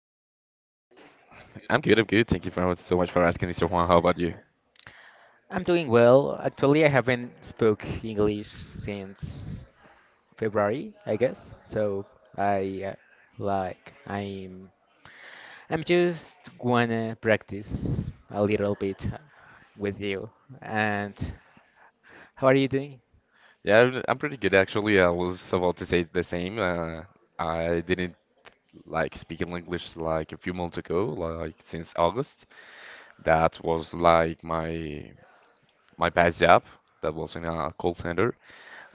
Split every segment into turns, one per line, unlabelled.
are you?
I'm good, I'm good. Thank you for so much for asking, Mr. Juan. How about you?
I'm doing well. Actually, I haven't spoke English since February, I guess. So, I like I'm just wanna practice a little bit with you. And how are you doing?
Yeah, I'm pretty good actually. I was about to say the same. I didn't like speaking English like a few months ago, like since August. That was like my past job. That was in a call center.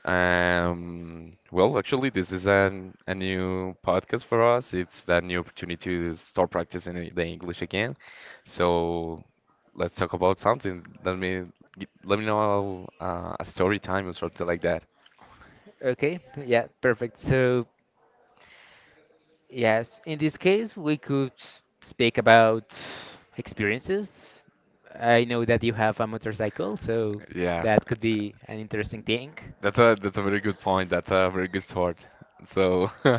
Well, actually, this is a new podcast for us. It's that new opportunity to start practicing the English again. So let's talk about something. Let me let me know a story time or something like that.
Okay, yeah, perfect. So, yes, in this case, we could speak about experiences. I know that you have a motorcycle, so
Yeah,
that could be an interesting thing.
that's a very good point. That's a very good start. So,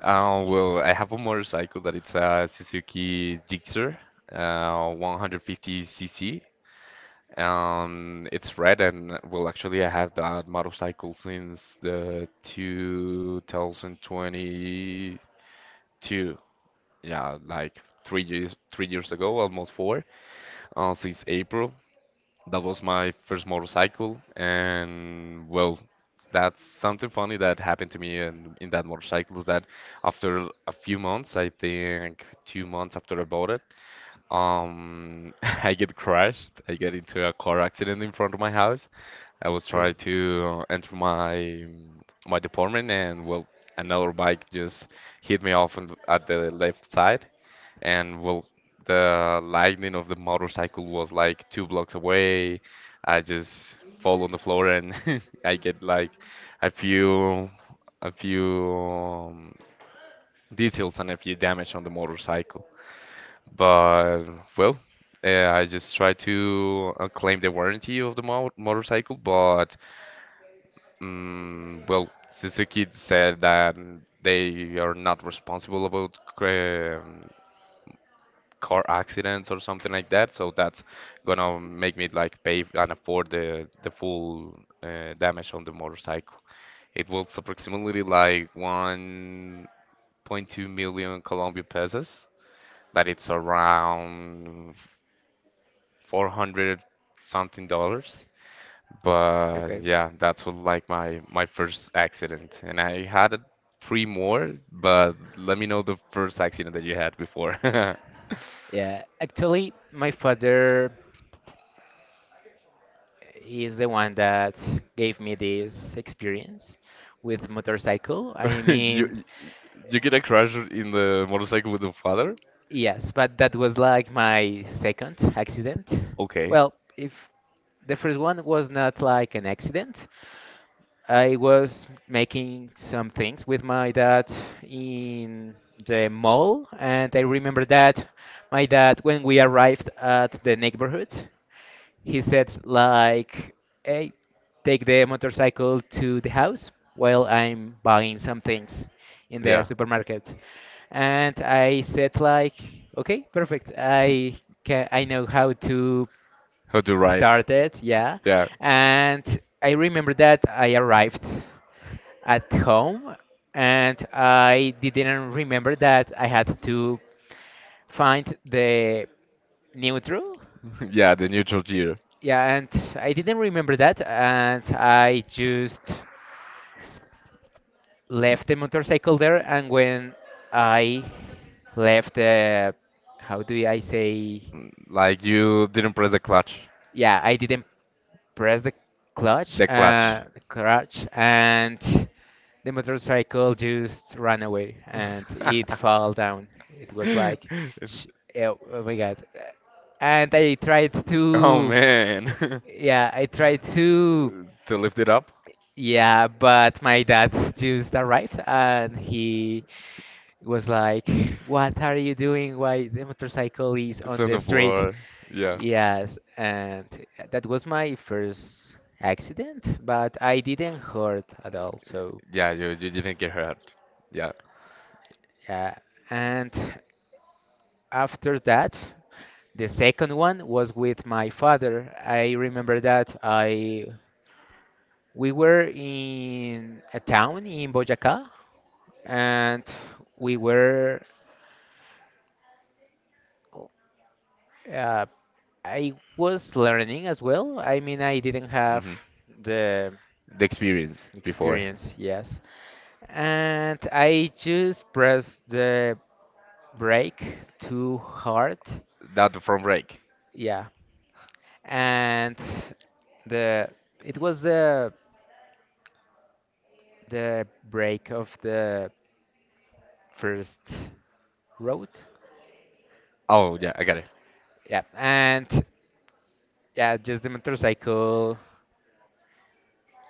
well, I have a motorcycle that it's a Suzuki Gixxer, 150cc. It's red and well, actually, I have that motorcycle since the 2022. Yeah, like 3 years ago, almost four since April. That was my first motorcycle, and well, that's something funny that happened to me in that motorcycle is that after a few months, I think 2 months after I bought it, I get crashed. I get into a car accident in front of my house. I was
Okay.
trying to enter my department, and well, another bike just hit me off at the left side, and well, the lightning of the motorcycle was like 2 blocks away. I just fall on the floor and I get like a few a few details and a few damage on the motorcycle. But well, I just try to claim the warranty of the motorcycle. But well, Suzuki said that they are not responsible about car accidents or something like that. So that's gonna make me like pay and afford the full damage on the motorcycle. It was approximately like 1.2 million Colombian pesos. That it's around 400 something dollars. But
Okay.
yeah, that's what like my first accident, and I had three more. But let me know the first accident that you had before.
Yeah, actually, my father is the one that gave me this experience with motorcycle. I
you
mean,
you get a crash in the motorcycle with your father?
yes, but that was like my second accident.
Okay.
Well, if the first one was not like an accident, I was making some things with my dad in the mall, and I remember that my dad, when we arrived at the neighborhood, he said like, "Hey, take the motorcycle to the house while I'm buying some things in the
Yeah.
supermarket." And I said like, "Okay, perfect. I know how to
How to ride?
start it." Yeah.
Yeah.
And I remember that I arrived at home and I didn't remember that I had to find the neutral.
Yeah, the neutral gear.
Yeah, and I didn't remember that, and I just left the motorcycle there. And when I left the, how do I say?
Like you didn't press the clutch.
Yeah, I didn't press the clutch,
The clutch.
uh, the clutch, and the motorcycle just ran away, and it fell down. It was like, sh- oh, oh my God! And I tried oh
Oh
to,
man.
yeah, I tried to.
To lift it up?
Yeah, but my dad just arrived and he was like, "What are you doing? Why the motorcycle is
It's
on
on
the
the
street?"
floor. Yeah.
Yes, and that was my first accident, but I didn't hurt at all. So,
Yeah, you didn't get hurt. Yeah.
yeah. And after that, the second one was with my father. I remember that I we were in a town in Boyacá and we were Uh, I was learning as well. I mean, I didn't have
Hmm.
the
The experience before.
experience, yes. And I just pressed the brake too hard.
That the front brake.
Yeah. And the it was the brake of the first road.
Oh yeah, I got it.
Yeah. And yeah, just the motorcycle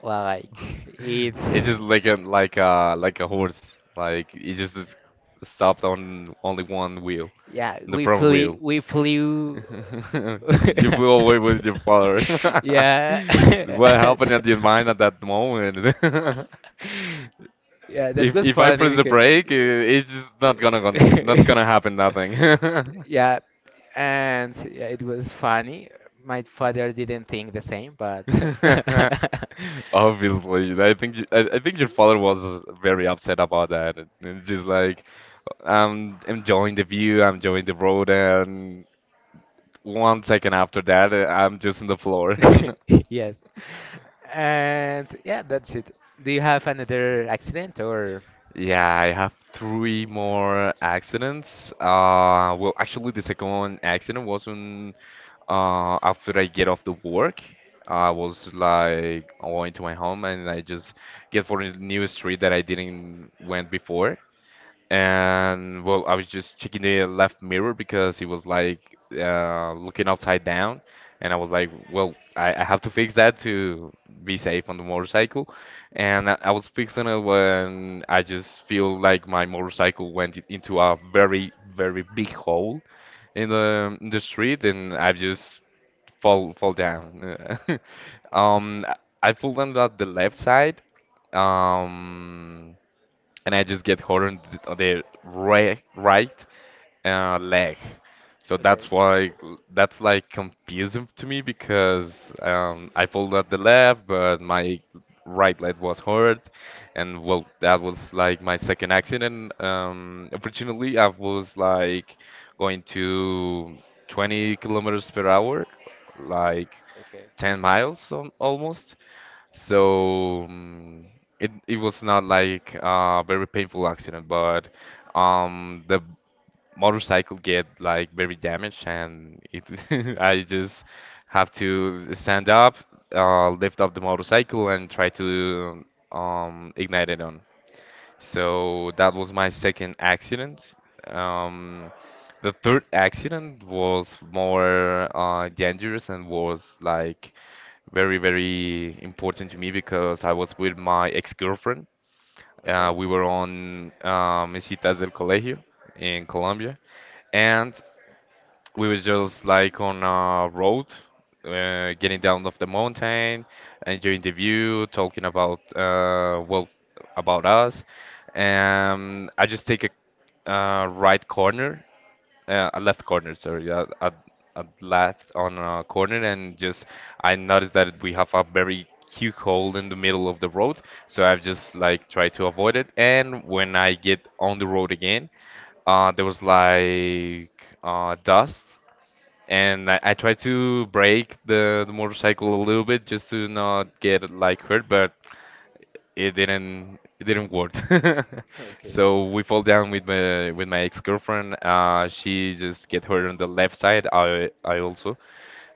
like it,
It's just like a horse. Like it just is stopped on only one wheel,
yeah,
the
we
front
flew,
wheel.
we flew
You flew away with your father.
Yeah.
What happened at your mind at that moment?
Yeah, that
If
was
if I
funny
press the
because.
brake, it's just not gonna gon not gonna happen nothing.
Yeah, and yeah, it was funny. My father didn't think the same, but.
Obviously, I think I think your father was very upset about that. And it's just like, I'm enjoying the view, I'm enjoying the road, and one second after that, I'm just on the floor.
Yes. And yeah, that's it. Do you have another accident or.
Yeah, I have three more accidents. Well, actually, the second one accident wasn't after I get off the work. I was like going to my home, and I just get for a new street that I didn't went before. And well, I was just checking the left mirror because it was like looking upside down, and I was like, well, I have to fix that to be safe on the motorcycle. And I was fixing it when I just feel like my motorcycle went into a very, very big hole in the street, and I just fall down. Um, I I fell down at the left side. Um, and I just get hurt on on the right leg. So
Okay.
that's why that's like confusing to me because I pulled at the left, but my right leg was hurt, and well, that was like my second accident. Originally, I was like going to 20 kilometers per hour, like
Okay.
10
Okay.
miles almost, so it was not like a very painful accident, but the motorcycle get like very damaged and it I just have to stand up, lift up the motorcycle and try to ignite it on. So that was my second accident. Um, the third accident was more dangerous and was like very, very important to me because I was with my ex-girlfriend. We were on Mesitas del Colegio in Colombia, and we was just like on a road, getting down off the mountain, enjoying the view, talking about well, about us. I just take a right corner, a left corner, sorry, a left on a corner, and just I noticed that we have a very huge hole in the middle of the road, so I've just like tried to avoid it. And when I get on the road again, there was like dust, and I tried to brake the motorcycle a little bit just to not get like hurt, but it didn't work.
Okay. Yeah.
So we fall down with my ex-girlfriend. She just get hurt on the left side. I also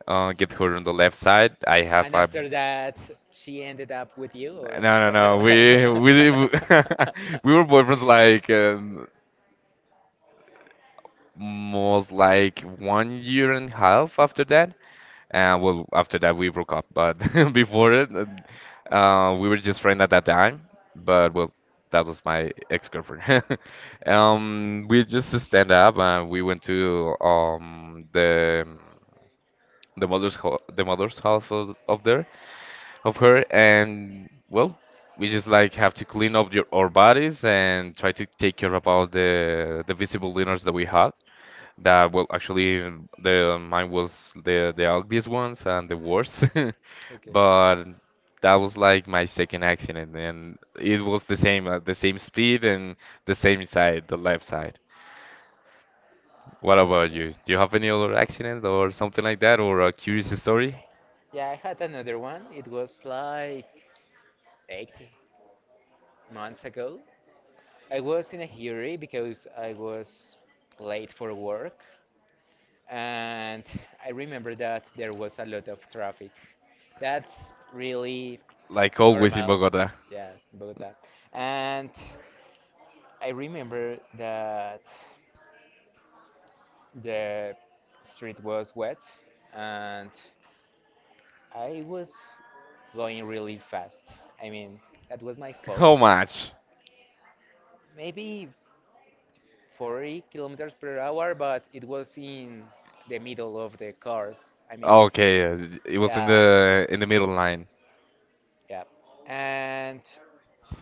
get hurt on the left side. I have
And
a.
after that, she ended up with you, or?
No, no, no. We we were boyfriends like most like one year and a half after that. And well, after that we broke up, but before it, we were just friends at that time. But well, that was my ex-girlfriend. We just stand up and we went to the mother's house of there of her, and well, we just like have to clean up our bodies and try to take care about the visible dinners that we had, that well, actually the mine was the ugliest ones and the worst.
Okay.
But that was like my second accident, and it was the same, speed and the same side, the left side. What about
Okay.
you? Do you have any other accident or something like that, or a curious story?
Yeah, I had another one. It was like 8 months ago. I was in a hurry because I was late for work, and I remember that there was a lot of traffic. That's really
Like always in
normal.
Bogota.
Yeah, in Bogota. And I remember that the street was wet, and I was going really fast. I mean, that was my
How
fault.
much?
Maybe 40 kilometers per hour, but it was in the middle of the cars. I mean, oh,
Okay, it was in
yeah,
the middle line.
yeah, yeah. And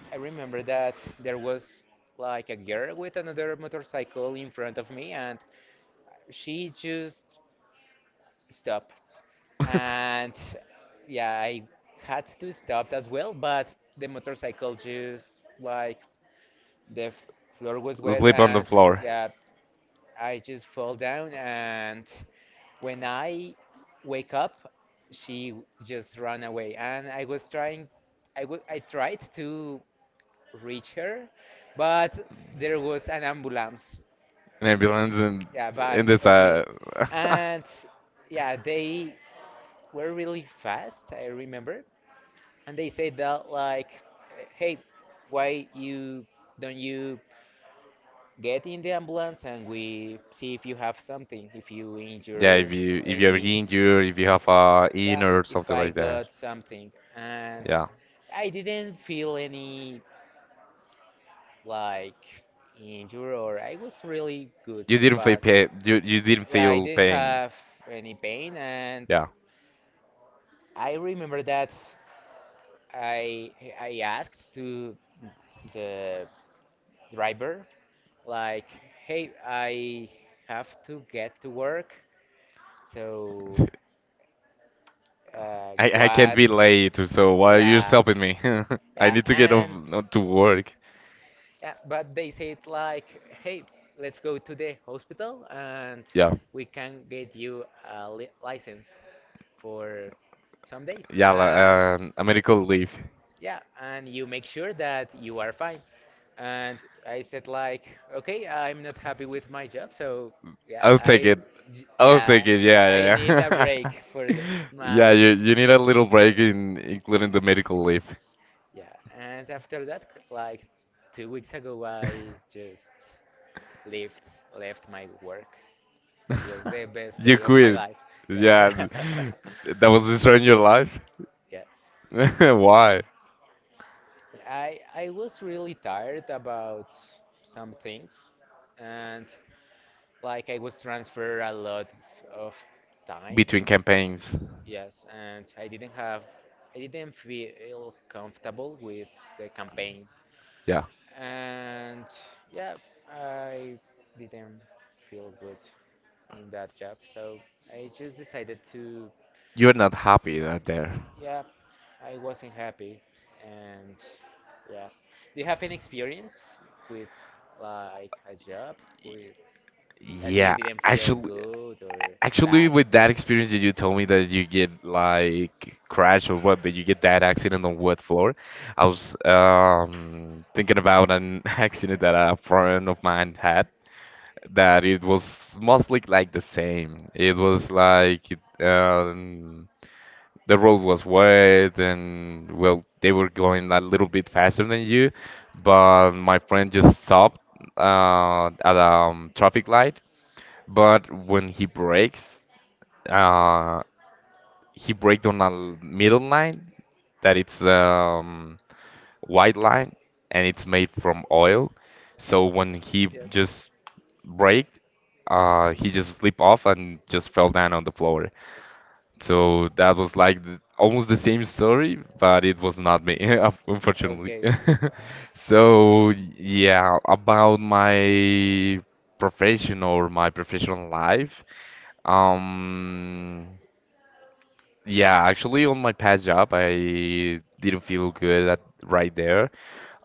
I remember that there was like a girl with another motorcycle in front of me, and she just stopped. And yeah, I had to stop as well, but the motorcycle just like the f- floor was wet,
Sleep on the
and
floor.
yeah, I just fell down and when I wake up, she just ran away, and I was trying, I tried to reach her, but there was an ambulance,
An ambulance and
yeah, back
in this
of me,
uh
and yeah, they were really fast. I remember, and they said that like, "Hey, why you don't you get in the ambulance and we see if you have something, if you," yeah,
Yeah,
injure,
if you're
any,
injured, if you have a
yeah,
in or
if
something
I
like
got
that.
something, and
Yeah.
I didn't feel any like injury or I was really good.
You didn't feel
But
pain. You didn't
yeah, I
feel
didn't
pain.
have any pain, and
Yeah.
I remember that i I asked to the driver like, "Hey, I have to get to work, so
I
what?"
can't be late, so why are you
Yeah,
stopping me? I
yeah,
need to get off
and
on to work.
yeah, but they said like, "Hey, let's go to the hospital and
Yeah.
we can get you a li license for some days."
Yeah. li-
And
Uh, a medical leave.
yeah, and you make sure that you are fine. And I said like, okay, I'm not happy with my job, so yeah,
I'll take it. I'll
yeah,
take it. Yeah,
I
yeah,
need a
yeah.
break for the, yeah, my
Yeah, you need a little break in including the medical leave.
yeah. And after that, like 2 weeks ago, I just left left my work. That was the best day
You
of my
quit.
life. Yeah.
Yeah, that was destroying your life.
Yes.
Why?
I was really tired about some things and like I was transferred a lot of time.
Between campaigns.
Yes, and I didn't feel comfortable with the campaign.
Yeah.
And yeah, I didn't feel good in that job. So I just decided to,
You're not happy out there.
yeah, I wasn't happy, and yeah. Do you have any experience with like a job with that you
Yeah,
didn't feel
actually,
good or sad,
actually, with
maybe?
that experience that you told me that you get like crash or what, that you get that accident on what floor, I was thinking about an accident that a friend of mine had. That it was mostly like the same. It was like um, the road was wet, and well, they were going a little bit faster than you, but my friend just stopped at a traffic light. But when he brakes, uh, he braked on a middle line that it's white line, and it's made from oil. So when he
Yes.
just break, he just slipped off and just fell down on the floor. So that was like almost the same story, but it was not me, unfortunately.
Okay.
So yeah, about my profession or my professional life. Um, yeah, actually, on my past job, I didn't feel good at right there.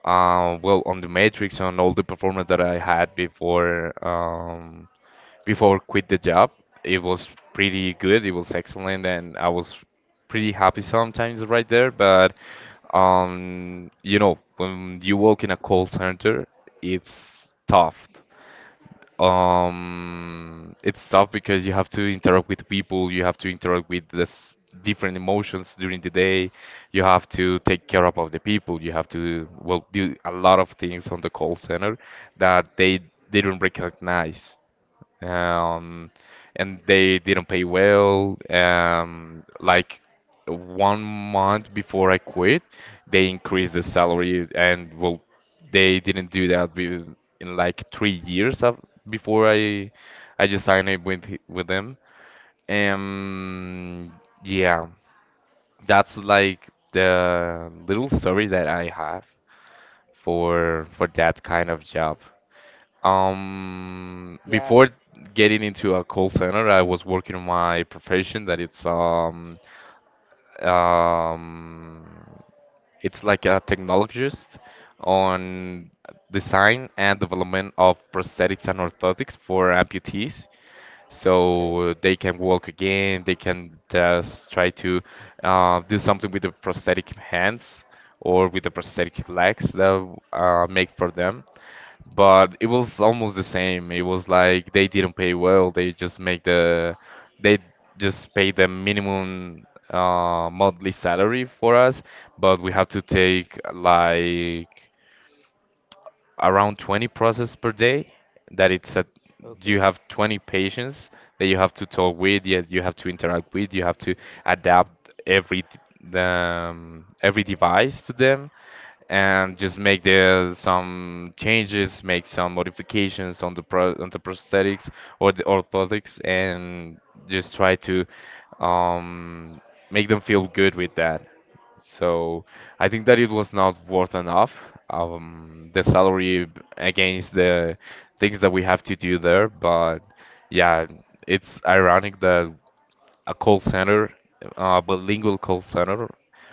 Well, on the matrix, on all the performance that I had before. Before quit the job. It was pretty good. It was excellent, and I was pretty happy sometimes right there. But when you work in a call center, it's tough. It's tough because you have to interact with people. You have to interact with this different emotions during the day. You have to take care about the people. You have to well do a lot of things on the call center that they didn't recognize, um, and they didn't pay well. Like one month before I quit, they increased the salary, and well, they didn't do that with, in like 3 years of, before I just signed it with with them. Um, yeah, that's like the little story that I have for that kind of job.
Yeah.
Before getting into a call center, I was working on my profession that um it's like a technologist on design and development of prosthetics and orthotics for amputees.
Okay.
So they can walk again, they can just try to do something with the prosthetic hands or with the prosthetic legs that make for them, but it was almost the same. It was like they didn't pay well. They just pay the minimum monthly salary for us, but we have to take like around 20 process per day. That it's a You
Okay.
have 20 patients that you have to talk with, yet you have to interact with, you have to adapt every device to them, and just make the some changes, make some modifications on the prosthetics or the orthotics, and just try to um, make them feel good with that. So I think that it was not worth enough. The salary against the things that we have to do there, but yeah, it's ironic that a call center, a bilingual call center,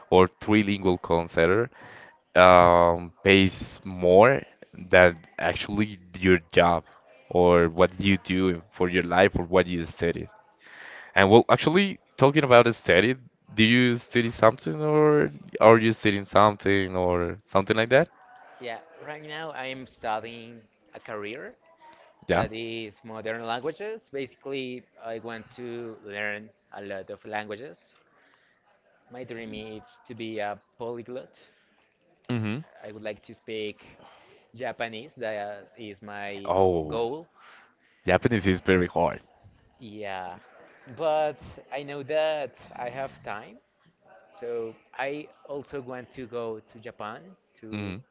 or trilingual call center pays more than actually your job or what you do for your life or what you study. And well, actually, talking about study, do you study something, or are you studying something or something like that?
Yeah, right now I'm studying a career
Yeah.
that is modern languages. Basically, I want to learn a lot of languages. My dream is to be a polyglot.
Mm-hmm.
I would like to speak Japanese. That is my
Oh,
goal.
Japanese is very hard.
Yeah. But I know that I have time. So I also want to go to Japan
Hmm.
to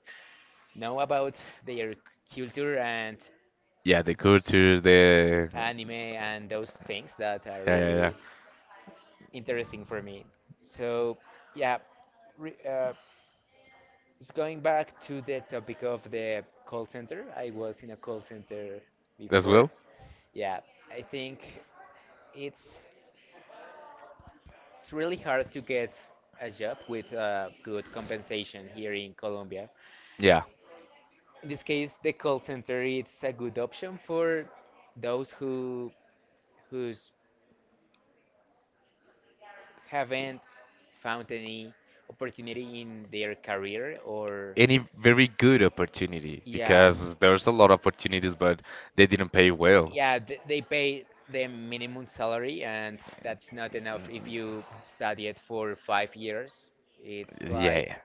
know about their culture and
Yeah, the culture, the.
anime and those things that
Yeah,
are
yeah, yeah.
really interesting for me. So, yeah, re just going back to the topic of the call center, I was in a call center
As well.
before. Yeah, I think it's it's really hard to get a job with good compensation here in Colombia.
Yeah,
In this case, the call center it's a good option for those who who's haven't found any opportunity in their career or
any very good opportunity
yeah.
because there's a lot of opportunities, but they didn't pay well.
Yeah, they pay the minimum salary, and that's not enough if you study it for 5 years. It's
Yeah,
like,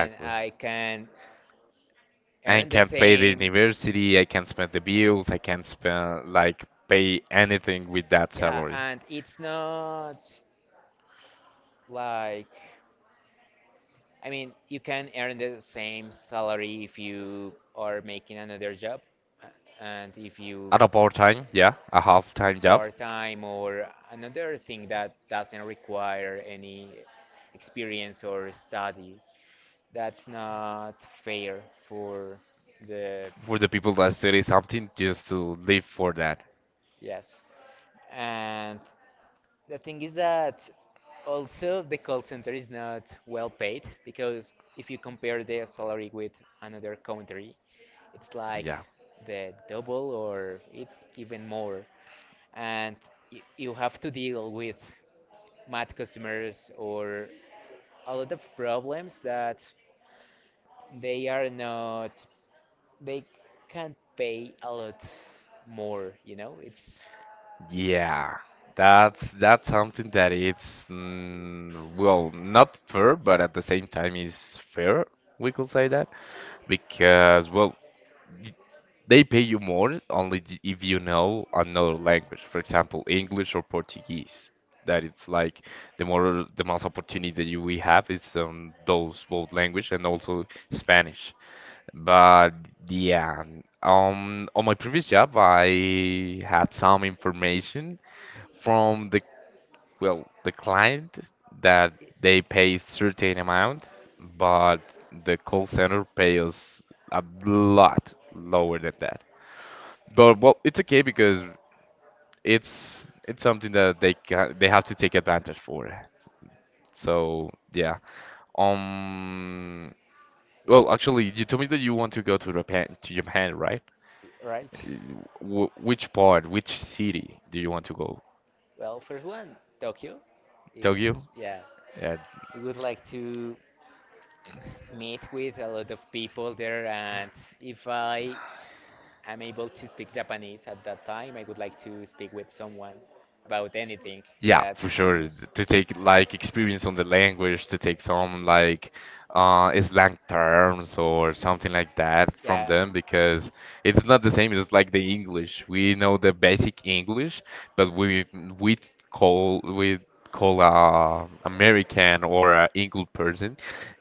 man, I can
I
earn the
can't pay the
same.
university, I can't spend the bills, I can't spend like pay anything with that
Yeah,
salary.
and it's not like, I mean, you can earn the same salary if you are making another job, uh, and if
At
you
a part time, yeah, a half time job.
part time or another thing that doesn't require any experience or study. That's not fair for the
For the people that study something just to live for that.
yes. And the thing is that also the call center is not well paid because if you compare the salary with another country, it's like
Yeah.
the double or it's even more and you have to deal with mad customers or a lot of problems that they are not they can't pay a lot more, you know? It's
Yeah. That's something that it's well, not fair, but at the same time is fair. We could say that, because well, y- they pay you more only if you know another language, for example, English or Portuguese. That it's like the most opportunity that you we have is on those both language and also Spanish. But yeah, on my previous job, I had some information from the well, the client, that they pay certain amount, but the call center pays a lot lower than that. But well, it's okay because it's something that they have to take advantage for. So yeah, um, well, actually, you told me that you want to go to Japan, right?
right.
w Which part, which city do you want to go?
Well, first one Tokyo it's
Tokyo?
yeah.
Uh,
I would like to meet with a lot of people there and if I am able to speak Japanese at that time I would like to speak with someone about anything
yeah, for
that
sure.
is
To take like experience on the language, to take some like slang terms or something like that from
yeah,
them, because it's not the same as like the English. We know the basic English, but we call we call American or English person.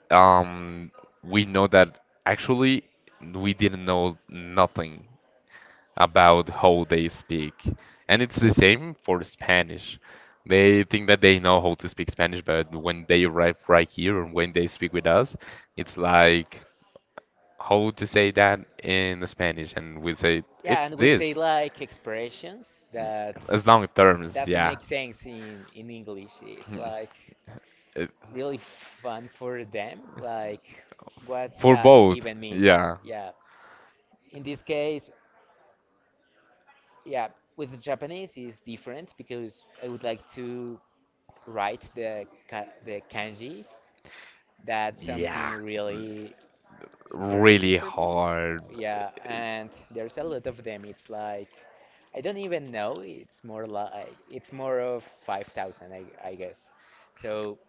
Um, we know that actually we didn't know nothing about how they speak. And it's the same for Spanish. They think that they know how to speak Spanish, but when they arrive right here and when they speak with us, it's like how to say that in Spanish, and we say
yeah,
it's
and we it
this.
say like expressions
Mm,
that
as long terms,
doesn't, yeah,
yeah.
make sense in English. It's
Mm.
like
It-
really fun for them, like what
For
that
both,
even, yeah, means.
yeah.
Yeah. In this case, yeah, with the Japanese is different because I would like to write the kanji. That's
Yeah.
something really
Really
interesting for me.
hard.
Yeah, and there's a lot of them. It's like I don't even know. It's more like it's more of 5,000, I guess. So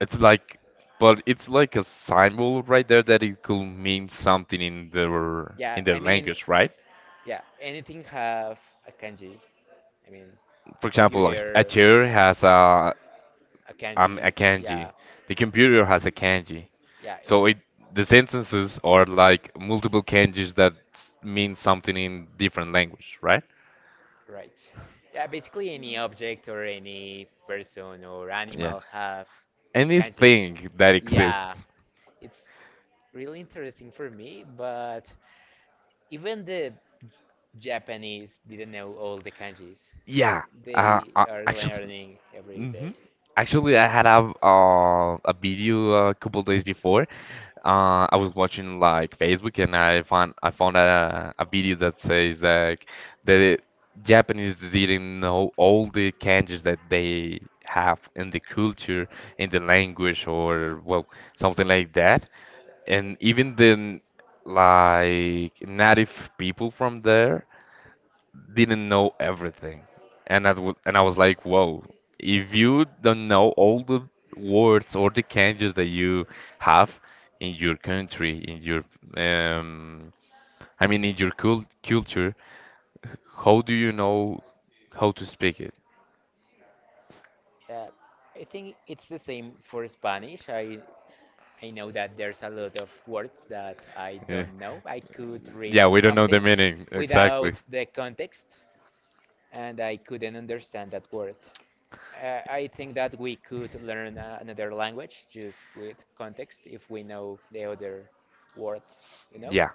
It's like, but it's like a symbol right there that it could mean something in
yeah,
their
I mean,
language, right?
yeah, anything have a kanji. I mean,
For
a
example, like a
computer,
chair has
a
a
kanji.
kanji,
Yeah,
the computer has a kanji.
yeah,
So
in,
it the sentences are like multiple kanjis that mean something in different language, right?
right. Yeah, basically any object or any person or
Yeah.
animal have a kanji.
Anything that
Yeah,
exists.
it's really interesting for me, but even the Japanese didn't know all the kanjis.
Yeah, uh,
They
uh,
are
actually,
learning every
hmm
day.
Actually, I had a video a couple days before. I was watching like Facebook, and I found a video that says like the Japanese didn't know all the kanjis that they have in the culture, in the language, or well, something like that. And even the like native people from there didn't know everything, and I was like, whoa, if you don't know all the words or the kanjis that you have in your country, in your um, I mean, in your cul culture, how do you know how to speak it?
Yeah, I think it's the same for Spanish. I know that there's a lot of words that I
Eh,
don't know. I could read
Yeah, we
do
don't know the
something
meaning exactly.
without the context, and I couldn't understand that word. I think that we could learn another language just with context if we know the other words, you know?
Yeah.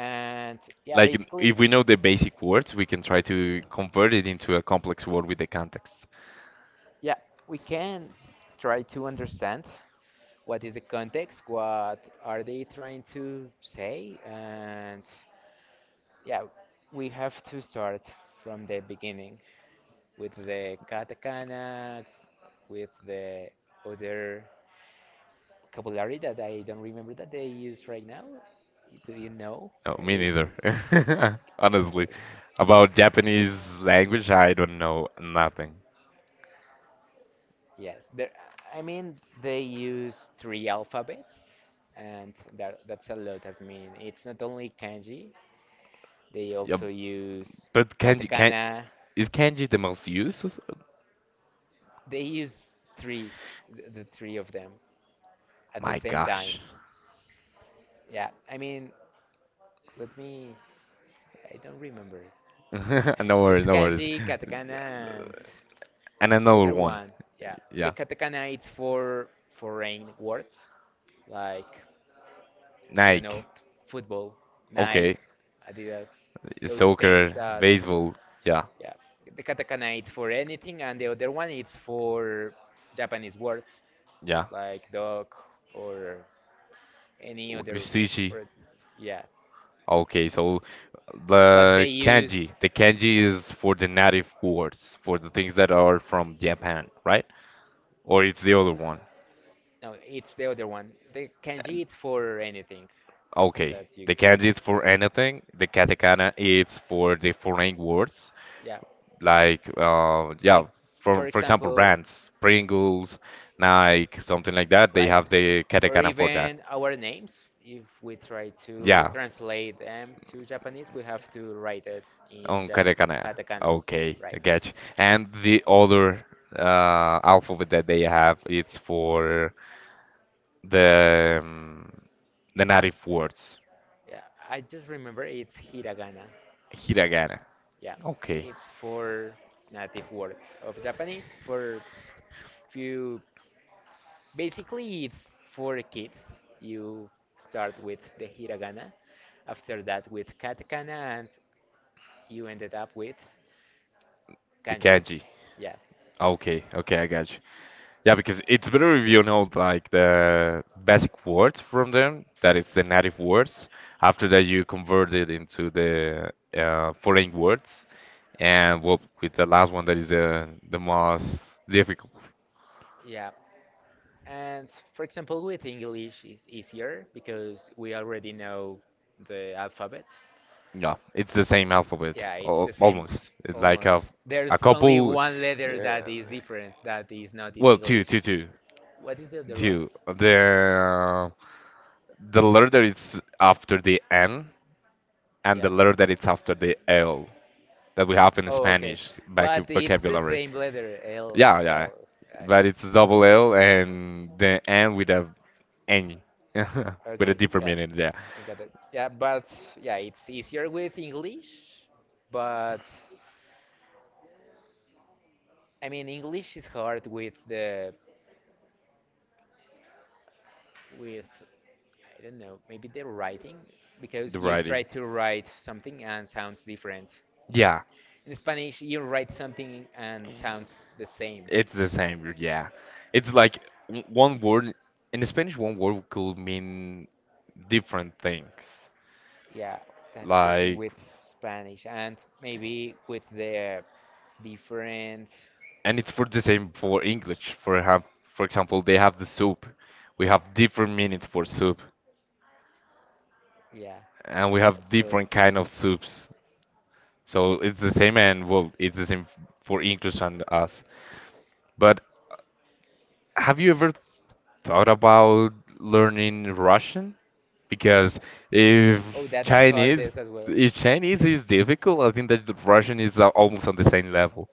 And yeah,
Like if
basically,
we know the basic words, we can try to convert it into a complex word with the context.
yeah, we can try to understand what is the context, what are they trying to say, and yeah, we have to start from the beginning with the katakana, with the other vocabulary that I don't remember that they use right now. Do you know?
No, me
It's
neither. Honestly, about Japanese language, I don't know nothing.
yes, there, I mean they use three alphabets, and that that's a lot. I mean, it's not only kanji; they
Yeah,
also use
but kanji can
katakana.
is kanji the most used?
They use three, the three of them at the
My
same
gosh.
time. Yeah, I mean, let me. I don't remember.
No worries,
It's
no worries.
kanji, katakana, and
And
the
another
other
one.
one. Yeah,
Yeah.
the katakana it's for foreign words like I don't
Nike.
know, football, Nike,
Okay.
Adidas, those things
Soccer,
that,
baseball. Yeah,
yeah, the katakana it's for anything, and the other one it's for Japanese words
yeah.
like dog or any other
Sushi.
word. Yeah,
Okay, so
but
the
they
kanji.
use
The kanji is for the native words, for the things that are from Japan, right? Or it's the other one.
no, it's the other one. The kanji it's for anything
Okay.
that you
The
can.
kanji is for anything. The katakana is for the foreign words.
Yeah,
Like, yeah,
like
for
for
for example,
example,
brands, Pringles, Nike, something like that. They
right?
have the
Or
katakana for that.
even our names, if we try to
Yeah,
translate them to Japanese, we have to write it in
on katakana.
katakana,
Okay, I
right?
get you. And the other alphabet that they have, it's for the um, the native words.
Yeah, I just remember it's hiragana.
Hiragana.
Yeah,
Okay.
it's for native words of Japanese. For if you basically, it's for kids. You start with the hiragana, after that with katakana, and you ended up with
The
kanji.
kanji.
Yeah,
Okay, okay, I got you. Yeah, because it's better if you know like the basic words from them, that is the native words. After that, you convert it into the foreign words, and well, with the last one that is the most difficult.
yeah. And for example, with English is easier because we already know the alphabet.
Yeah, it's the same alphabet,
Yeah, it's
al
the same
almost. It's like a
almost.
a
There's only
couple.
one letter that is different that is not in
Well, two,
English.
two, two,
What is the other one?
two. The letter that is after the N and the
Yeah.
letter that it's after the L that we have in
Oh, okay.
Spanish back
But it's the
vocabulary.
same letter, L,
Yeah, yeah.
L.
But
Uh,
it's double L and the N with a N, with a
okay,
deeper
yeah,
meaning, yeah.
I got it. Yeah, but yeah, it's easier with English, but I mean English is hard with the with I don't know, maybe the writing,
The
because you try
writing.
to write something and sounds different.
Yeah,
In Spanish, you write something and sounds the same.
it's the same, yeah. It's like one word, in Spanish, one word could mean different things.
Yeah, that's the thing
Like
with Spanish, and maybe with the different.
and it's for the same for English. For example, they have the soup. We have different meanings for soup,
Yeah,
and we have
it's
different
correct.
kind of soups. So it's the same, and well, it's the same for English and us. But have you ever thought about learning Russian? Because
Also,
if
oh, that's
Chinese,
hardest as well.
if Chinese is difficult, I think that the Russian is almost on the same level.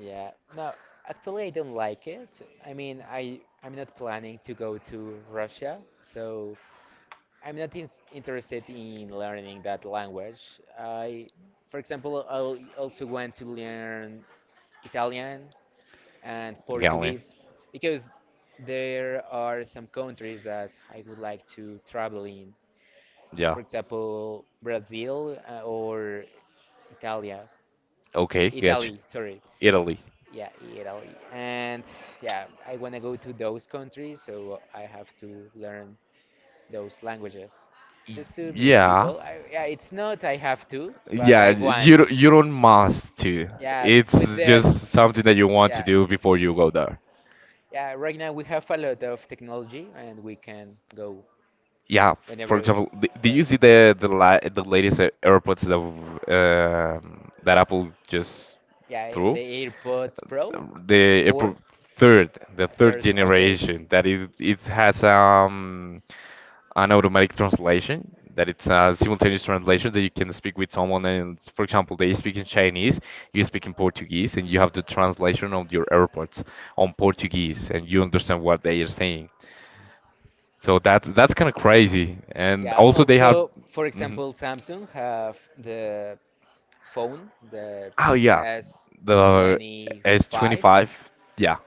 Yeah. No, actually, I don't like it. I mean, I'm not planning to go to Russia, so I'm not in interested in learning that language. I, for example, I also want to learn Italian and
Galen,
Portuguese because there are some countries that I would like to travel in.
yeah.
For example, Brazil or Italia.
Okay, gotcha.
Italy, sorry.
Italy.
Yeah, Italy. And yeah, I want to go to those countries, so I have to learn those languages
Y-
just to meet
Yeah,
people. I, yeah, it's not I have to, but
yeah.
I
You
want.
don't- you don't must to.
Yeah, with
It's
the
just something that you want to
yeah
do before you go there.
yeah right now we have a lot of technology and we can go
Yeah. For
whenever.
example, did
Uh,
you see the latest AirPods that Apple just
yeah,
threw?
the AirPods Pro
The Apple
four,
third, the third
third, okay.
generation that it has an automatic translation that it's a simultaneous translation, that you can speak with someone, and for example they speak in Chinese, you speak in Portuguese, and you have the translation of your airports on Portuguese, and you understand what they are saying. So that's kind of crazy, and
Yeah,
also they have.
also, for
Mhm.
example, Samsung have the phone, the
Oh yeah, the
S25,
S25, yeah,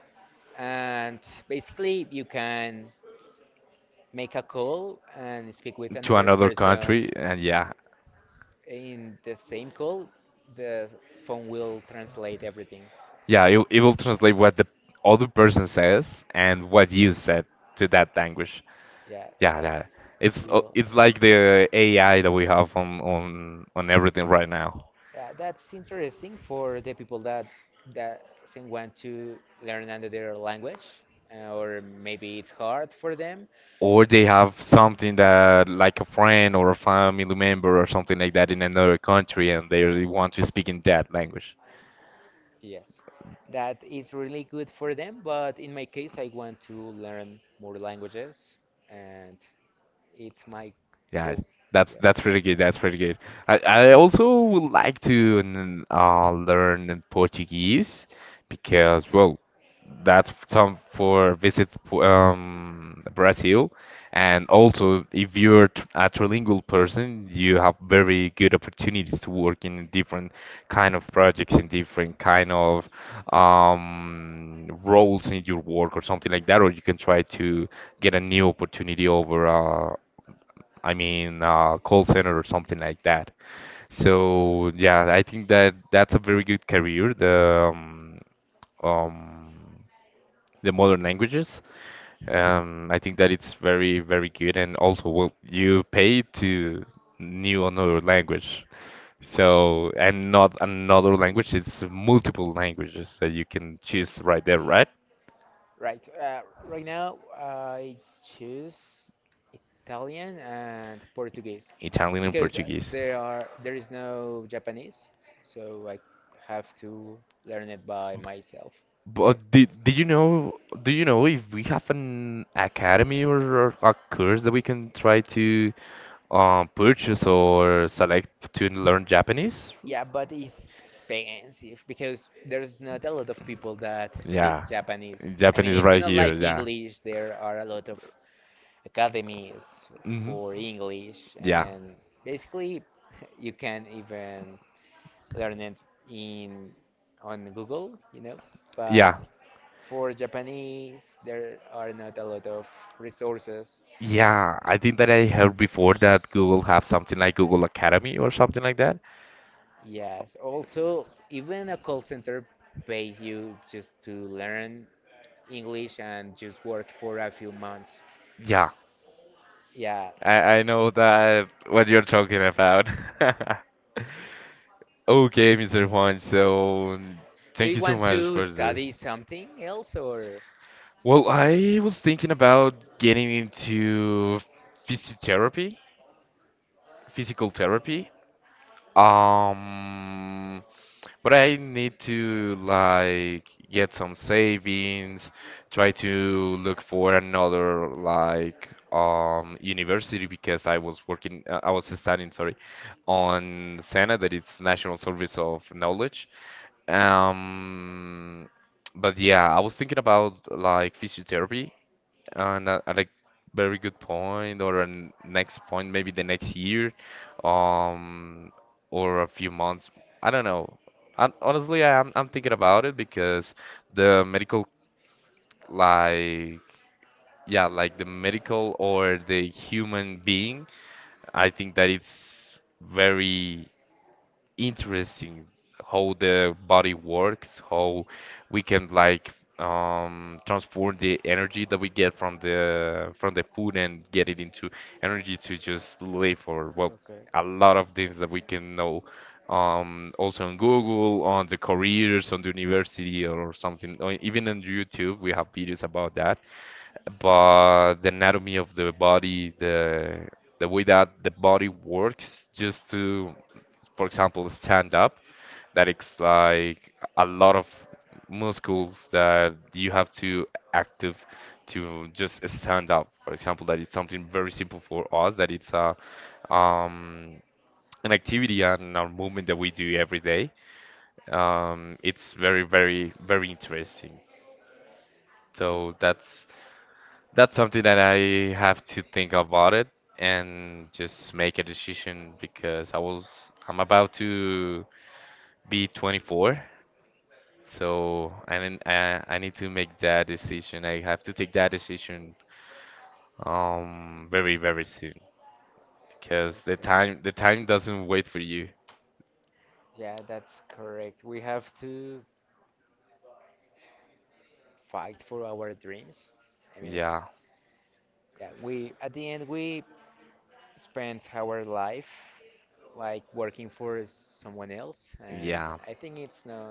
and basically you can make a call and speak with
to
another
another
person
country, and yeah.
in the same call the phone will translate everything.
Yeah, it will translate what the other person says and what you said to that language.
Yeah,
Yeah, yeah.
that's
It's
real.
like the AI that we have on everything right now.
Yeah, that's interesting for the people that that doesn't want to learn another language, or maybe it's hard for them.
Or they have something that like a friend or a family member or something like that in another country, and they really want to speak in that language.
Yes, that is really good for them but in my case I want to learn more languages, and it's my
Yeah,
goal.
that's pretty good. That's pretty good. I also would like to learn in Portuguese, because, well, that's some for visit Brazil, and also if you're a trilingual person, you have very good opportunities to work in different kind of projects in different kind of roles in your work or something like that, or you can try to get a new opportunity over. I mean, call center or something like that. So yeah, I think that that's a very good career. Um, the modern languages. I think that it's very very good, and also well, you pay to new another language. So and not another language. It's multiple languages that you can choose right there, right?
Right. Right now, I choose Italian and Portuguese
Italian and
because
Portuguese.
there is no Japanese, so I have to learn it by myself. Okay.
But did you know do you know if we have an academy, or a course that we can try to purchase or select to learn Japanese?
Yeah, but it's expensive because there's not a lot of people that speak
Yeah.
Japanese. I mean,
Japanese
it's
right
not
here,
like
yeah.
English. There are a lot of academies
Hmm.
for English,
Yeah.
and basically you can even learn it in on Google, you know. But
Yeah.
for Japanese, there are not a lot of resources.
Yeah, I think that I heard before that Google have something like Google Academy or something like that.
Yes. Also, even a call center pays you just to learn English and just work for a few months.
Yeah,
Yeah.
I know that what you're talking about. Okay, Mr. Juan, so
Do you
thank you so
want
much
to
for this.
study something else or?
Well, I was thinking about getting into physiotherapy, physical therapy. Um, But I need to like get some savings, try to look for another like university, because I was studying, sorry, on SENA that it's National Service of Knowledge. Um but yeah, I was thinking about like physiotherapy, and at a like, very good point or a next point, maybe the next year, um, or a few months. I don't know. Honestly, I'm thinking about it, because the medical, like, yeah, like the medical or the human being, I think that it's very interesting how the body works, how we can like transform the energy that we get from the food and get it into energy to just live, or well,
Okay.
a lot of things that we can know, also on Google, on the careers on the university or something, or even on YouTube we have videos about that. But the anatomy of the body, the way that the body works, just to, for example, stand up, that it's like a lot of muscles that you have to active to just stand up. For example, that it's something very simple for us, that it's a um, an activity and a movement that we do every day. It's very, very, very interesting. So that's something that I have to think about it and just make a decision, because I'm about to be 24. So I need to make that decision. I have to take that decision very very soon, because the time doesn't wait for you.
Yeah, that's correct. We have to fight for our dreams. I mean,
Yeah.
yeah, we at the end we spend our life like working for someone else, and
Yeah.
I think it's not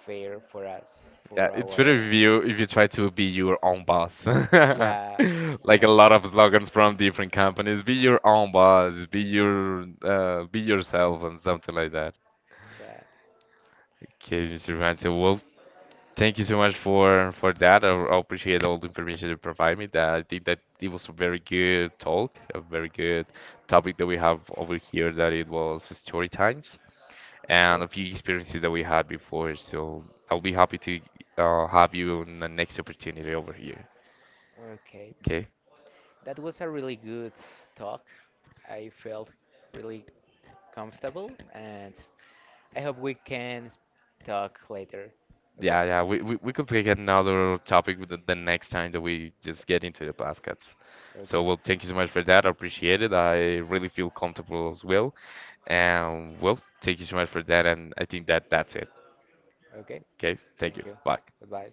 fair for us, for
Yeah, it's better
our
if you try to be your own boss.
yeah, we
Like
have
a
to
lot of slogans from different companies: be your own boss, be yourself and something like that.
yeah.
Okay, Mr. Ransom, well, thank you so much for that. I appreciate all the information you provide me. That I think that it was a very good talk, a very good topic that we have over here. That it was story times
Okay.
and a few experiences that we had before. So I'll be happy to have you on the next opportunity over here.
Okay,
Okay.
that was a really good talk. I felt really comfortable, and I hope we can talk later. Okay?
Yeah, yeah, we could take another topic with the next time that we just get into the baskets.
Okay.
So, well, thank you so much for that. I appreciate it. I really feel comfortable as well. And, well, thank you so much for that. And I think that that's it.
Okay.
Okay, thank
Thank
you.
you.
Bye.
Goodbye.